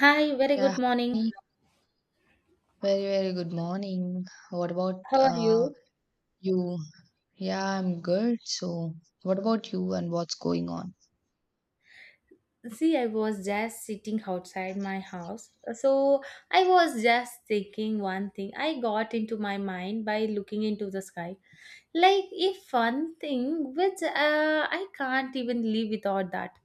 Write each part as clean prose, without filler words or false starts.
Hi, very Yeah, good morning. hi. Very, very good morning. What about How are you? you? Yeah, I'm good. So, what about you and what's going on? See, I was just sitting outside my house. So I was just thinking one thing. I got into my mind by looking into the sky. Like, if one thing which I can't even live without that.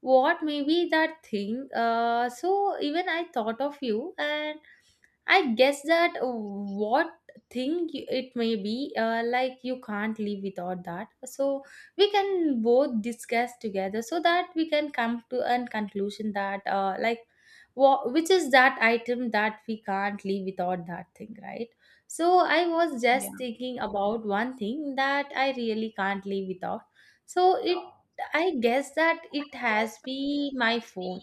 What may be that thing? So even I thought of you and I guess that what it may be, like you can't live without that. So we can both discuss together so that we can come to a conclusion that, like, what which is that item that we can't live without that thing, right? So I was Yeah. just thinking about one thing that I really can't live without. So I guess that it has be my phone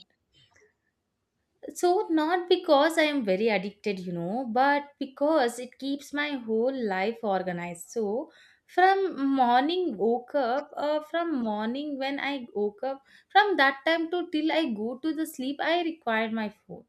so, not because I am very addicted, you know, but because it keeps my whole life organized. So, from morning when I woke up, from that time to till I go to the sleep, I require my phone.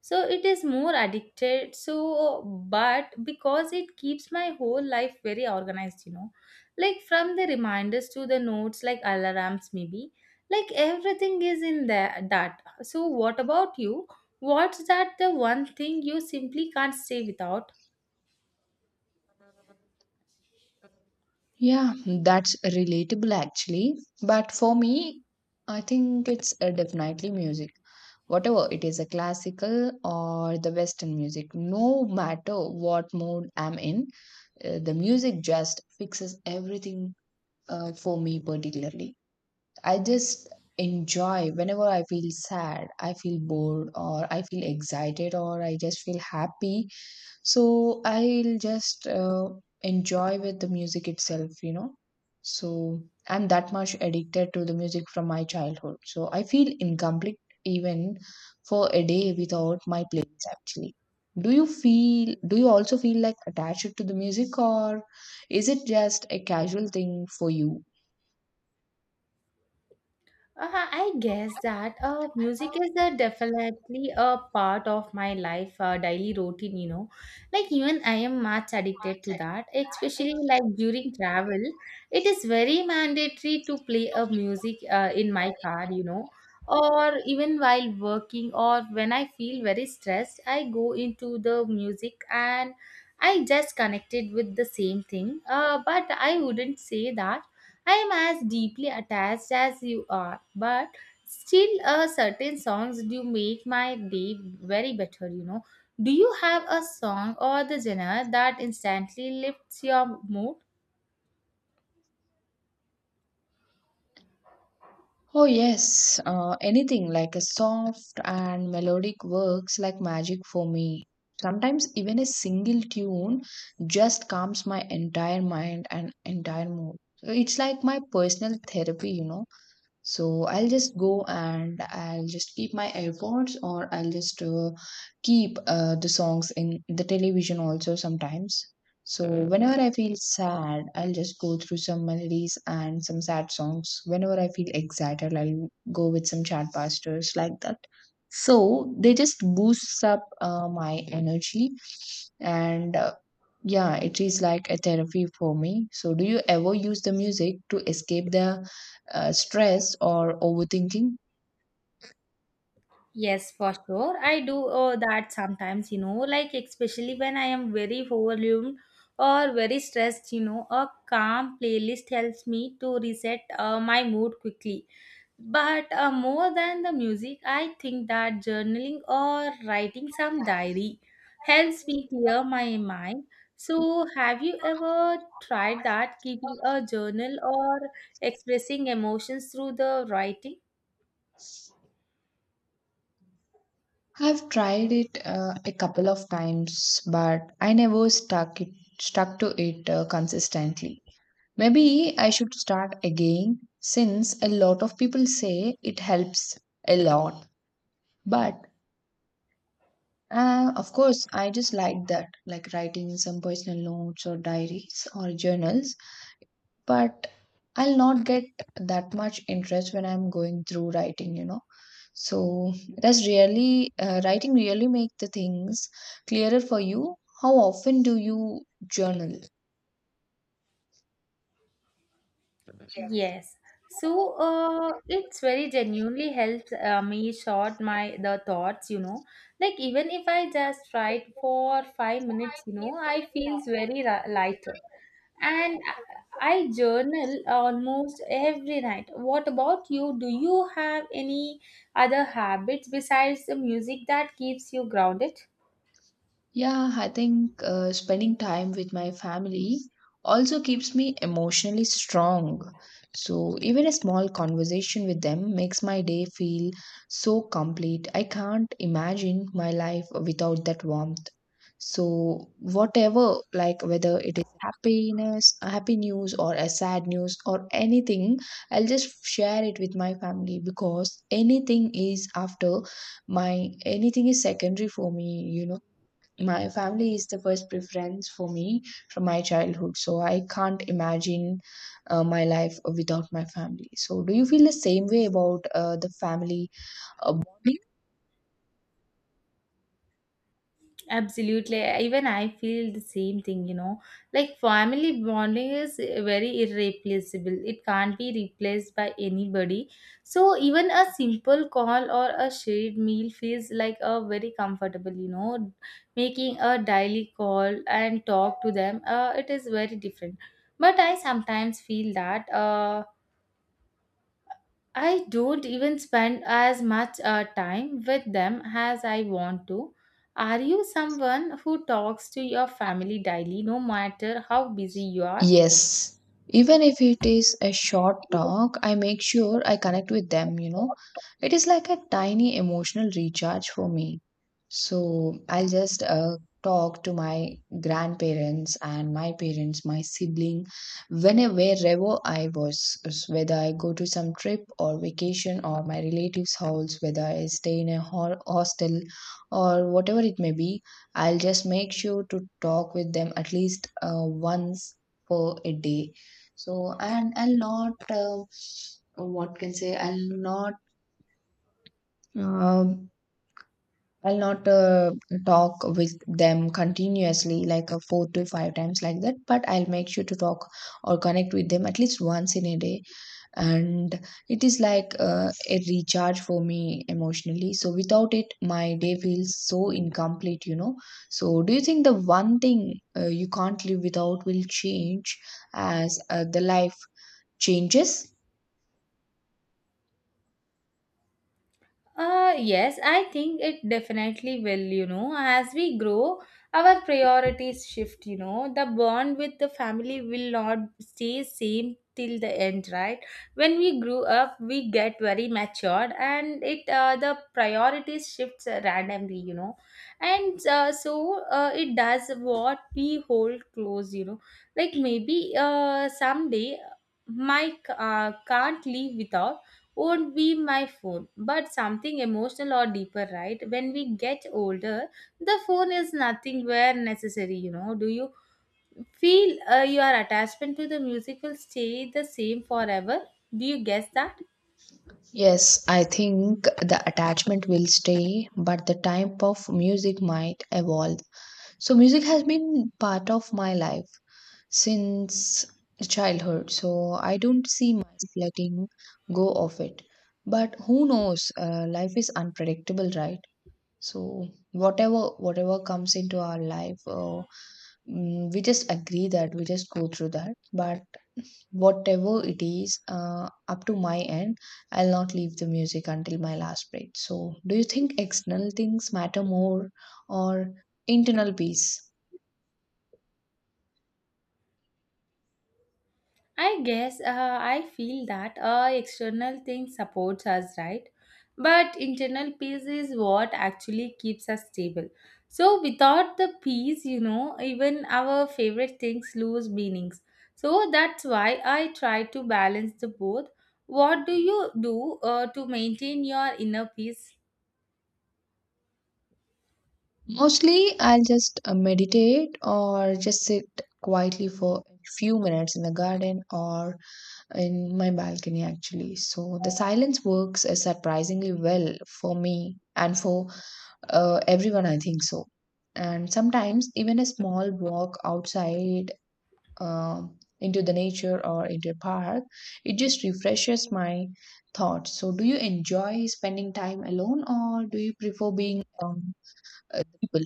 So, it is more addicted. So, but because it keeps my whole life very organized, you know, like from the reminders to the notes, like alarms, maybe, like everything is in there, that. So, what about you? What's that the one thing you simply can't stay without? Yeah, that's relatable actually. But for me, I think it's definitely music. Whatever it is, a classical or the Western music, no matter what mood I'm in, the music just fixes everything for me, particularly. I just enjoy whenever I feel sad, I feel bored, or I feel excited, or I just feel happy. So I'll just enjoy with the music itself. So I'm that much addicted to the music from my childhood. So I feel incomplete even for a day without my playlist, actually. Do you also feel like attached to the music, or is it just a casual thing for you? I guess that music is a definitely a part of my life, daily routine, you know. Like, even I am much addicted to that, especially like during travel. It is very mandatory to play a music in my car, you know, or even while working or when I feel very stressed, I go into the music and I just connected with the same thing. But I wouldn't say that I am as deeply attached as you are, but still, certain songs do make my day very better, you know. Do you have a song or the genre that instantly lifts your mood? Oh, yes, anything like a soft and melodic works like magic for me. Sometimes even a single tune just calms my entire mind and entire mood. So it's like my personal therapy. So I'll just go and I'll just keep my AirPods or I'll just keep the songs in the television also sometimes. So whenever I feel sad, I'll just go through some melodies and some sad songs. Whenever I feel excited, I'll go with some chat pastors like that. So they just boosts up my energy, and yeah, it is like a therapy for me. So do you ever use the music to escape the stress or overthinking? Yes, for sure. I do that sometimes, you know, like especially when I am very overwhelmed or very stressed, you know, a calm playlist helps me to reset my mood quickly. But more than the music, I think that journaling or writing some diary helps me clear my mind. So, have you ever tried that, keeping a journal or expressing emotions through the writing? I've tried it a couple of times, but I never stuck to it consistently. Maybe I should start again since a lot of people say it helps a lot. But of course, I just like that, like writing some personal notes or diaries or journals, but I'll not get that much interest when I'm going through writing. So that's really, writing really make the things clearer for you? How often do you journal? Yes. So, it's very genuinely helps me sort my the thoughts, you know. Like even if I just write for 5 minutes, you know, I feels very ri- lighter. And I journal almost every night. What about you? Do you have any other habits besides the music that keeps you grounded? Yeah, I think spending time with my family also keeps me emotionally strong. So, even a small conversation with them makes my day feel so complete. I can't imagine my life without that warmth. So, whatever, like whether it is happiness, happy news, or a sad news, or anything, I'll just share it with my family, because anything is secondary for me, you know my family is the first preference for me from my childhood, so I can't imagine my life without my family. So, do you feel the same way about the family bonding? Absolutely. Even I feel the same thing, you know. Like family bonding is very irreplaceable. It can't be replaced by anybody. So even a simple call or a shared meal feels like a very comfortable, you know, making a daily call and talk to them. It is very different. But I sometimes feel that I don't even spend as much time with them as I want to. Are you someone who talks to your family daily no matter how busy you are? Yes. Even if it is a short talk, I make sure I connect with them. It is like a tiny emotional recharge for me. So I'll just talk to my grandparents and my parents, my sibling, whenever, wherever I was, whether I go to some trip or vacation or my relatives' house, whether I stay in a hostel or whatever it may be. I'll just make sure to talk with them at least once per a day. So, and I'll not what can say, um, I'll not talk with them continuously like four to five times like that, but I'll make sure to talk or connect with them at least once in a day. And it is like a recharge for me emotionally, so without it my day feels so incomplete. So do you think the one thing you can't live without will change as the life changes? Yes, I think it definitely will, you know. As we grow, our priorities shift, you know. The bond with the family will not stay same till the end, right? When we grew up, we get very matured and it the priorities shifts randomly, you know. And so it does what we hold close, you know. Like maybe someday Mike can't live without won't be my phone, but something emotional or deeper, right? When we get older, the phone is nothing where necessary, you know. Do you feel your attachment to the music will stay the same forever? Do you guess that? Yes, I think the attachment will stay, but the type of music might evolve. So, music has been part of my life since childhood, so I don't see myself letting go of it. But who knows? Life is unpredictable, right? So, whatever comes into our life, we just agree that we just go through that. But whatever it is, up to my end, I'll not leave the music until my last breath. So, do you think external things matter more, or internal peace? I guess I feel that external thing supports us, right? But internal peace is what actually keeps us stable. So without the peace, you know, even our favorite things lose meanings. So that's why I try to balance the both. What do you do to maintain your inner peace? Mostly, I'll just meditate or just sit quietly for a few minutes in the garden or in my balcony, actually. So, the silence works surprisingly well for me, and for everyone, I think so. And sometimes, even a small walk outside, into the nature or into a park, it just refreshes my thoughts. So, do you enjoy spending time alone, or do you prefer being people?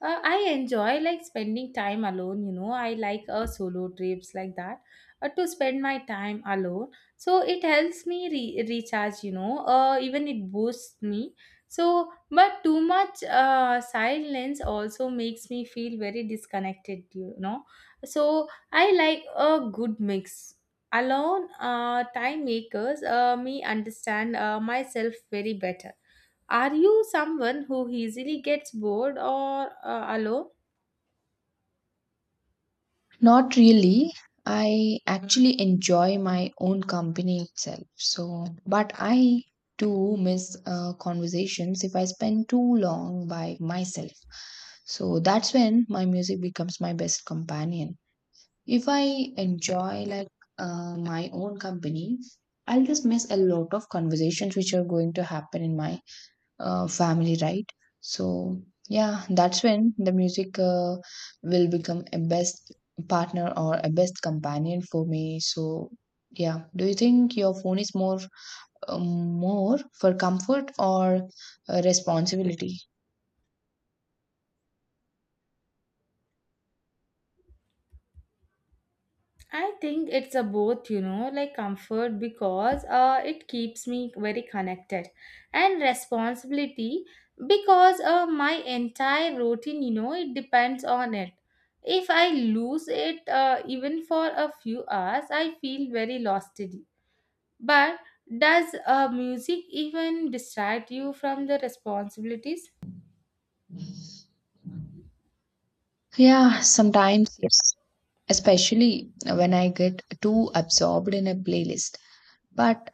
I enjoy like spending time alone, you know. I like solo trips like that to spend my time alone. So it helps me re- recharge, you know, even it boosts me. So, but too much silence also makes me feel very disconnected, you know. So I like a good mix. Alone time makers me understand myself very better. Are you someone who easily gets bored or alone? Not really. I actually enjoy my own company itself. So, but I do miss conversations if I spend too long by myself. So that's when my music becomes my best companion. If I enjoy like my own company, I'll just miss a lot of conversations which are going to happen in my family, right? So yeah, that's when the music will become a best partner or a best companion for me. So yeah, do you think your phone is more more for comfort or responsibility? I think it's a both, you know, like comfort because it keeps me very connected and responsibility because my entire routine, you know, it depends on it. If I lose it even for a few hours, I feel very lost. But does music even distract you from the responsibilities? Yeah, sometimes yes, especially when I get too absorbed in a playlist. But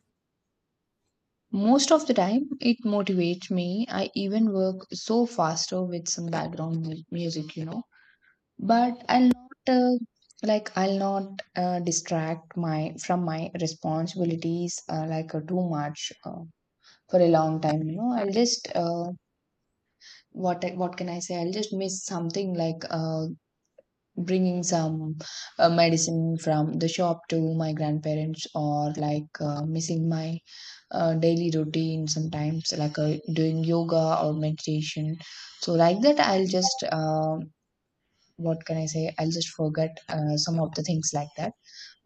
most of the time, it motivates me. I even work so faster with some background music. But I'll not like, I'll not distract my from my responsibilities like too much, for a long time. I'll just what what can I say? I'll just miss something like bringing some medicine from the shop to my grandparents, or like missing my daily routine sometimes, like doing yoga or meditation. So like that, I'll just, what can I say, I'll just forget some of the things like that.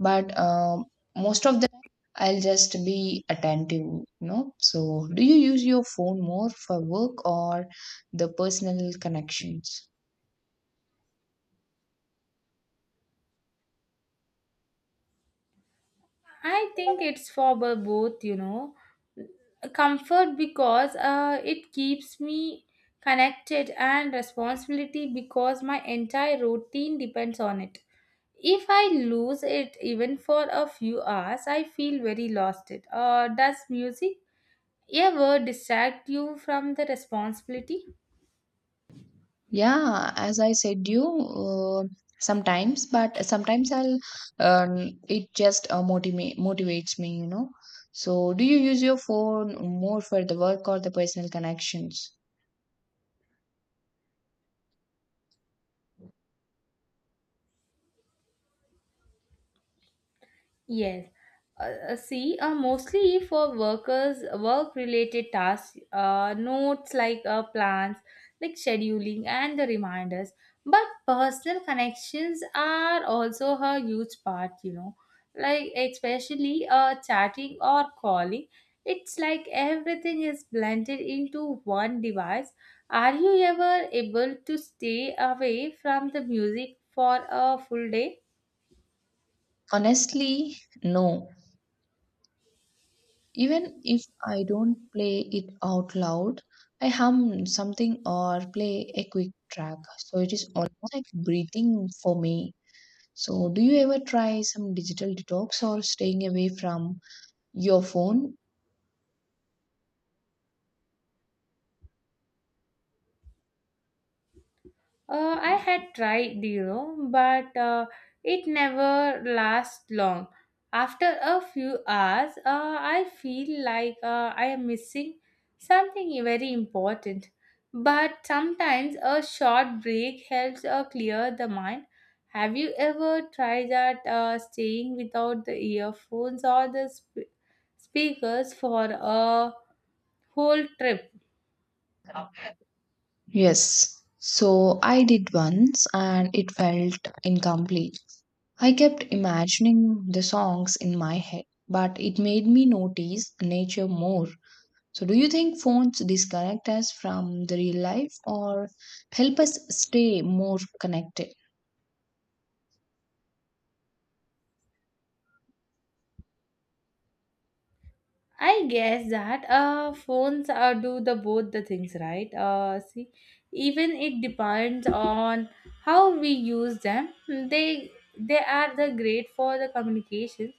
But most of the time, I'll just be attentive. So do you use your phone more for work or the personal connections? I think it's for bo- both, you know. Comfort because it keeps me connected, and responsibility because my entire routine depends on it. If I lose it even for a few hours, I feel very lost. It. Does music ever distract you from the responsibility? Yeah, as I said you, sometimes, but sometimes I'll it just motivates me. So, do you use your phone more for the work or the personal connections? Yes. See, mostly for workers, work-related tasks, notes like plans, like scheduling and the reminders. But personal connections are also a huge part, you know. Like especially chatting or calling, it's like everything is blended into one device. Are you ever able to stay away from the music for a full day? Honestly, no. Even if I don't play it out loud, I hum something or play a quick track. So it is almost like breathing for me. So, do you ever try some digital detox or staying away from your phone? I had tried, you know, but it never lasts long. After a few hours, I feel like I am missing something very important. But sometimes a short break helps clear the mind. Have you ever tried that staying without the earphones or speakers for a whole trip? Yes. So I did once and it felt incomplete. I kept imagining the songs in my head, but it made me notice nature more. So, do you think phones disconnect us from the real life, or help us stay more connected? I guess that phones do the both the things, right? See, even it depends on how we use them. Hmm. They are the great for the communications,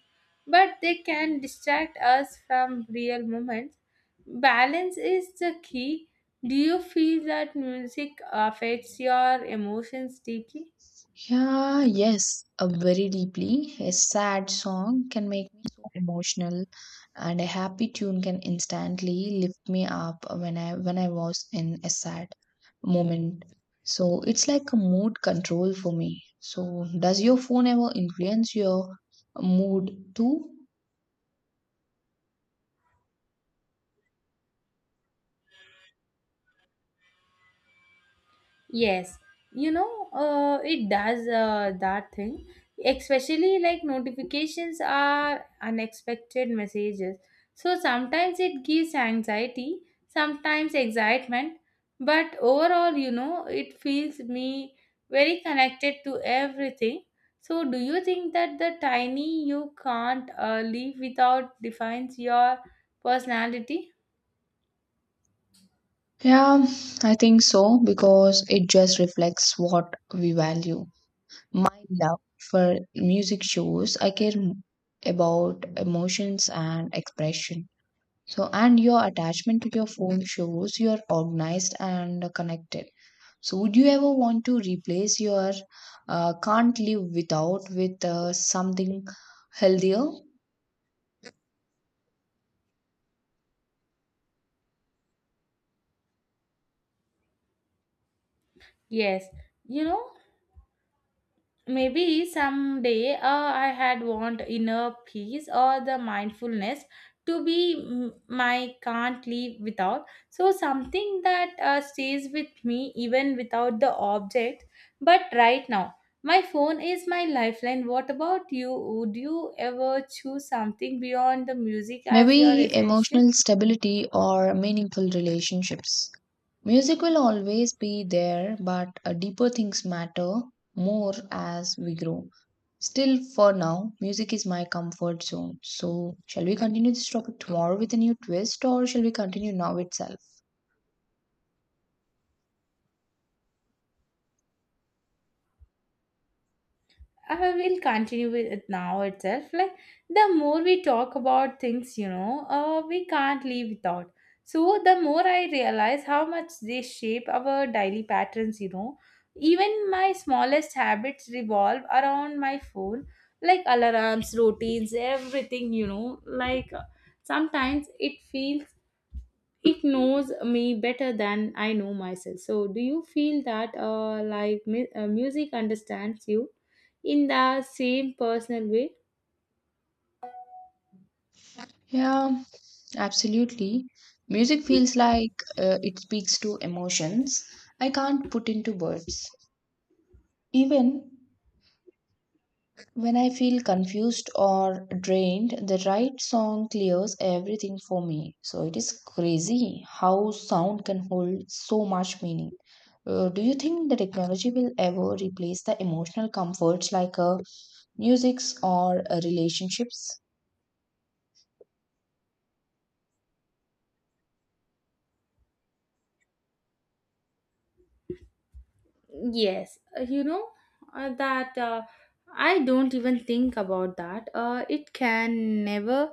but they can distract us from real moments. Balance is the key. Do you feel that music affects your emotions deeply? Yeah, yes, a very deeply. A sad song can make me so emotional, and a happy tune can instantly lift me up when I was in a sad moment. So it's like a mood control for me. So does your phone ever influence your mood too? Yes, you know, it does that thing, especially like notifications are unexpected messages. So sometimes it gives anxiety, sometimes excitement, but overall, you know, it feels me very connected to everything. So, do you think that the tiny you can't leave without defines your personality? Yeah, I think so, because it just reflects what we value. My love for music shows I care about emotions and expression. So, and your attachment to your phone shows you are organized and connected. So, would you ever want to replace your can't live without with something healthier? Yes, you know. Maybe someday I had want inner peace or the mindfulness my can't live without. So something that stays with me even without the object. But right now, my phone is my lifeline. What about you? Would you ever choose something beyond the music as your Maybe essential? emotional stability or meaningful relationships. Music will always be there, but deeper things matter more as we grow. Still, for now, music is my comfort zone. So, shall we continue this topic tomorrow with a new twist, or shall we continue now itself? I will continue with it now itself. Like the more we talk about things, you know, we can't live without. So the more I realize how much they shape our daily patterns, you know, even my smallest habits revolve around my phone, like alarms, routines, everything, you know. Like sometimes it feels it knows me better than I know myself. So, do you feel that like, music understands you in the same personal way? Yeah, absolutely. Music feels like it speaks to emotions I can't put into words. Even when I feel confused or drained, the right song clears everything for me. So it is crazy how sound can hold so much meaning. Do you think the technology will ever replace the emotional comforts like musics or relationships? Yes, you know that I don't even think about that. It can never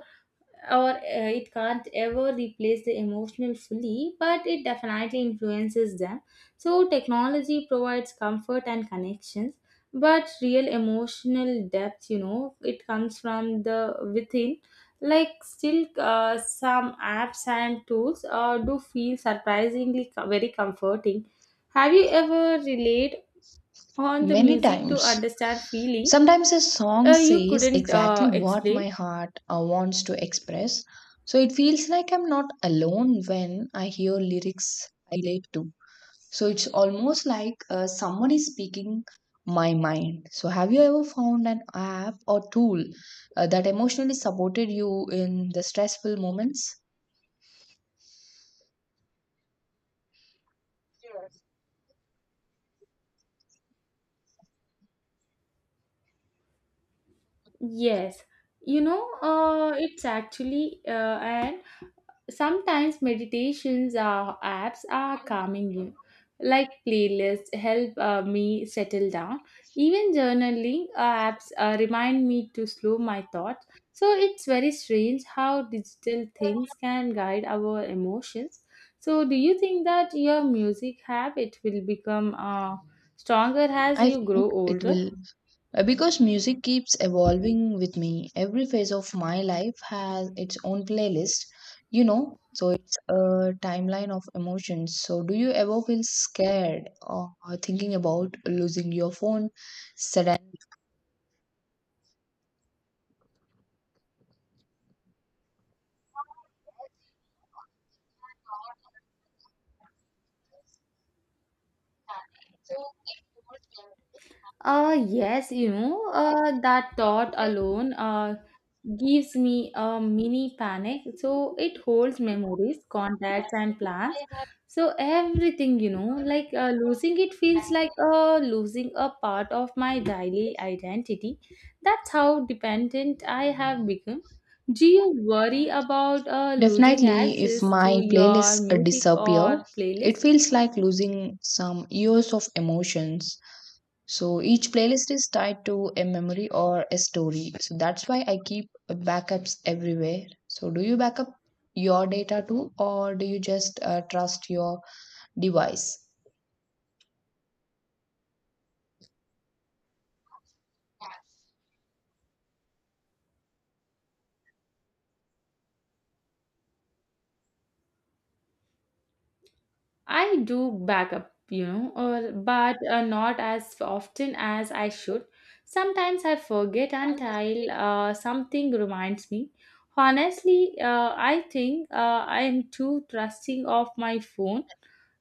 or it can't ever replace the emotional fully, but it definitely influences them. So, technology provides comfort and connections, but real emotional depth, you know, it comes from the within. Like, still, some apps and tools do feel very comforting. Have you ever relied on the Many music to times. understand feeling Sometimes a song you says couldn't exactly what my explain? heart wants to express, so it feels like I'm not alone when I hear lyrics I relate to. So it's almost like someone is speaking my mind. So have you ever found an app or tool that emotionally supported you in the stressful moments? Yes, you know, it's actually, and sometimes meditations apps are calming you. Like playlists help me settle down. Even journaling apps remind me to slow my thoughts. So it's very strange how digital things can guide our emotions. So, do you think that your music habit will become stronger as I you feel grow it older? will, because music keeps evolving with me. Every phase of my life has its own playlist, so it's a timeline of emotions. So, do you ever feel scared or thinking about losing your phone suddenly? Yes, you know, that thought alone gives me a mini panic. So it holds memories, contacts, and plans. So everything, you know, like losing it feels like losing a part of my daily identity. That's how dependent I have become. Do you worry about losing Definitely, if access to my your playlists music disappear, or it playlist? feels like losing some years of emotions. So each playlist is tied to a memory or a story. So that's why I keep backups everywhere. So do you backup your data too, or do you just trust your device? I do backup, you know, or, but not as often as I should. Sometimes I forget until something reminds me. Honestly, I think I am too trusting of my phone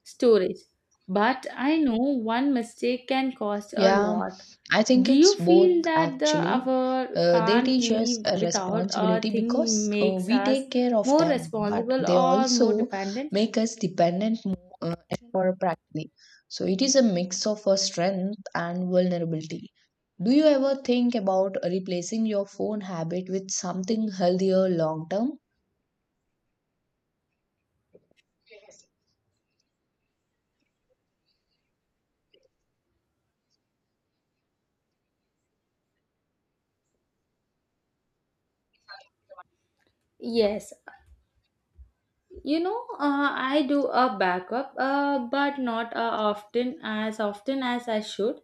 storage, but I know one mistake can cost a Yeah, lot. I think Do you it's both feel that the actually. hour They can't teach us leave a without a responsibility because thing makes we us take care of more them, but responsible they or more also dependent? make us dependent uh, for practically. So it is a mix of a strength and vulnerability. Do you ever think about replacing your phone habit with something healthier long term? Yes, you know, I do a backup, but not often as often as I should.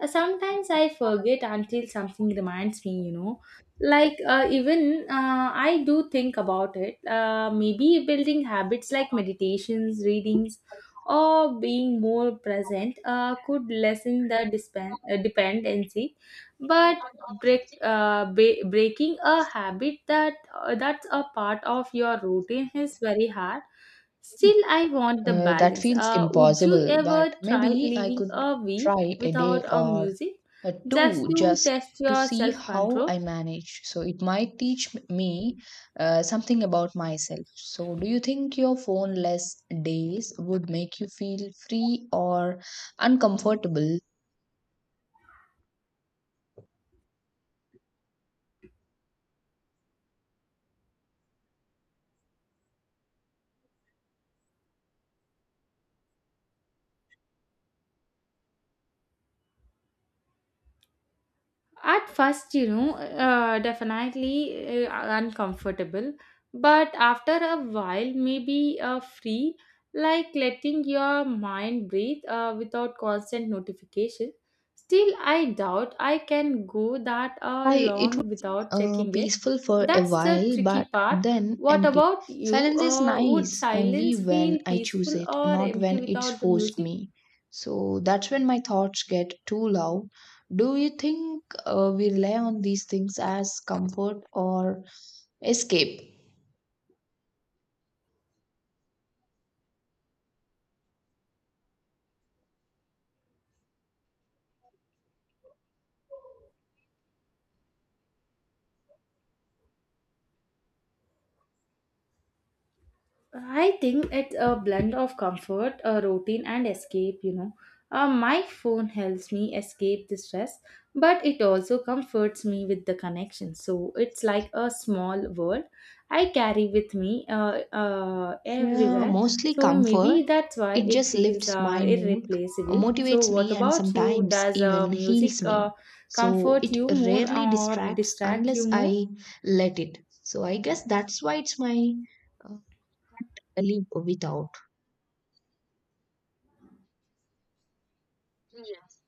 Sometimes I forget until something reminds me. You know, like even I do think about it. Maybe building habits like meditations, readings, or being more present could lessen the dependency. But breaking a habit that's a part of your routine is very hard. Still, I want the That balance. feels Would you impossible, but ever try maybe I living could a week try a day without a or music just two to just test to your see self how control? I manage. So it might teach me something about myself. So, do you think your phone less days would make you feel free or uncomfortable? At first, you know, definitely uncomfortable, but after a while, maybe free, like letting your mind breathe without constant notification. Still, I doubt I can go that I It long would feel without checking it. peaceful for a That's the while, tricky but part. then What empty. about you? Silence is Would nice only silence when feel I choose peaceful it, or not empty when it's without the forced music? me. So that's when my thoughts get too loud. Do you think we rely on these things as comfort or escape? I think it's a blend of comfort, a routine, and escape. My phone helps me escape the stress, but it also comforts me with the connection. So it's like a small world I carry with me Yeah, everywhere. mostly So maybe comfort. that's why It it just feels lifts my mood, irreplaceable. So motivates what me, and about you? sometimes Does even heals music me. So comfort it you more rarely or distracts distract you unless more? I let it. So I guess that's why it's my uh, can't live without. Yes.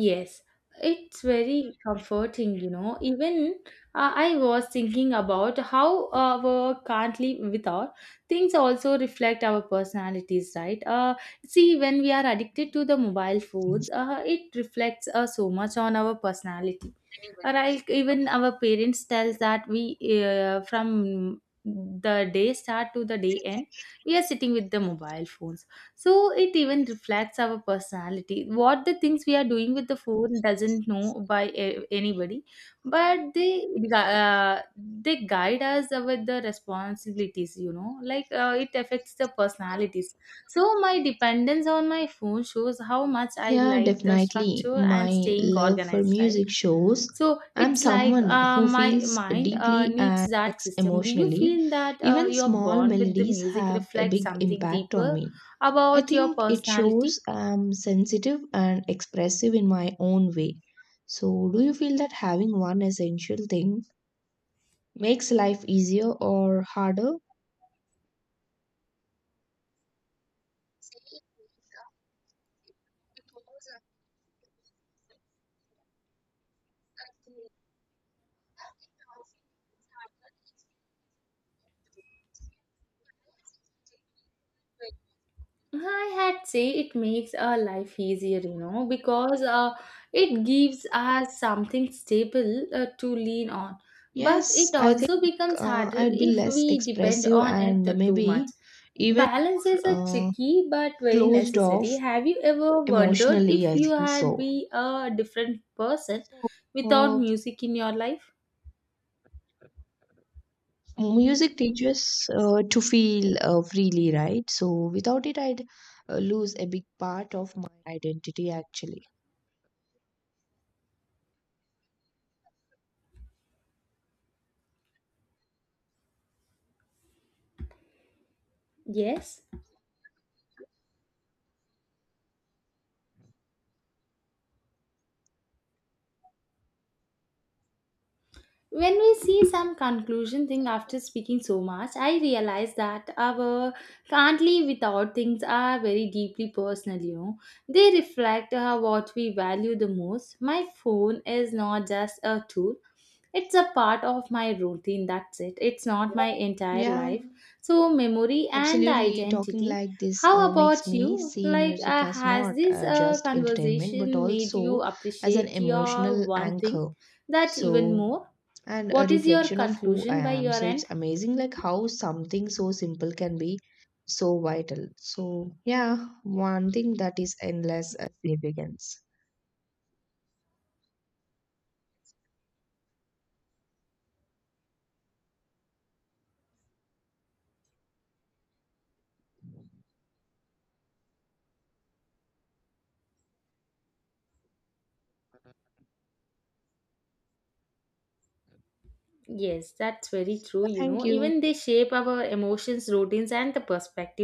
Yes, it's very comforting, you know. Even I was thinking about how our can't live without things also reflect our personalities, right? See, when we are addicted to the mobile phones, it reflects so much on our personality. Like even our parents tells that we from the day start to the day end, we are sitting with the mobile phones so it even reflects our personality. What the things we are doing with the phone doesn't know by anybody, but they guide us with the responsibilities. You know, it affects the personalities. So my dependence on my phone shows how much I Yeah, like the definitely. structure and My staying love for organized, right? music shows So I'm it's like someone who my feels mind deeply needs and that acts system. Do you emotionally. feel that Even your small bond with the melodies music have a reflects big something impact on deeper me. I about your think it shows personality? I'm sensitive and expressive in my own way. So, do you feel that having one essential thing makes life easier or harder? I had say it makes our life easier, you know, because it gives us something stable to lean on. But Yes, it I also think becomes harder I'd be if less we depend expressive, on and it too maybe much. even Balance is a more tricky but very closed off necessary. Have you ever wondered emotionally. if I you think had so. be a different person So, without uh, music in your life? Music teaches to feel freely, right? So without it, I'd lose a big part of my identity, actually. Yes. When we see some conclusion thing after speaking so much, I realize that our can't live without things are very deeply personal, you know. They reflect what we value the most. My phone is not just a tool. It's a part of my routine, that's it. It's not my entire Yeah. life. So, memory and the Absolutely, talking identity. like this How makes about me you? see music as Has not this uh, just entertainment but conversation made you also as an appreciate your emotional one thing anchor. that even So, more? and a What is your reflection of who I conclusion by am. your So, it's end? amazing like how something so simple can be so vital. So, yeah, one thing that is endless significance. Yes, that's very true. You Thank know, you. even they shape our emotions, routines, and the perspectives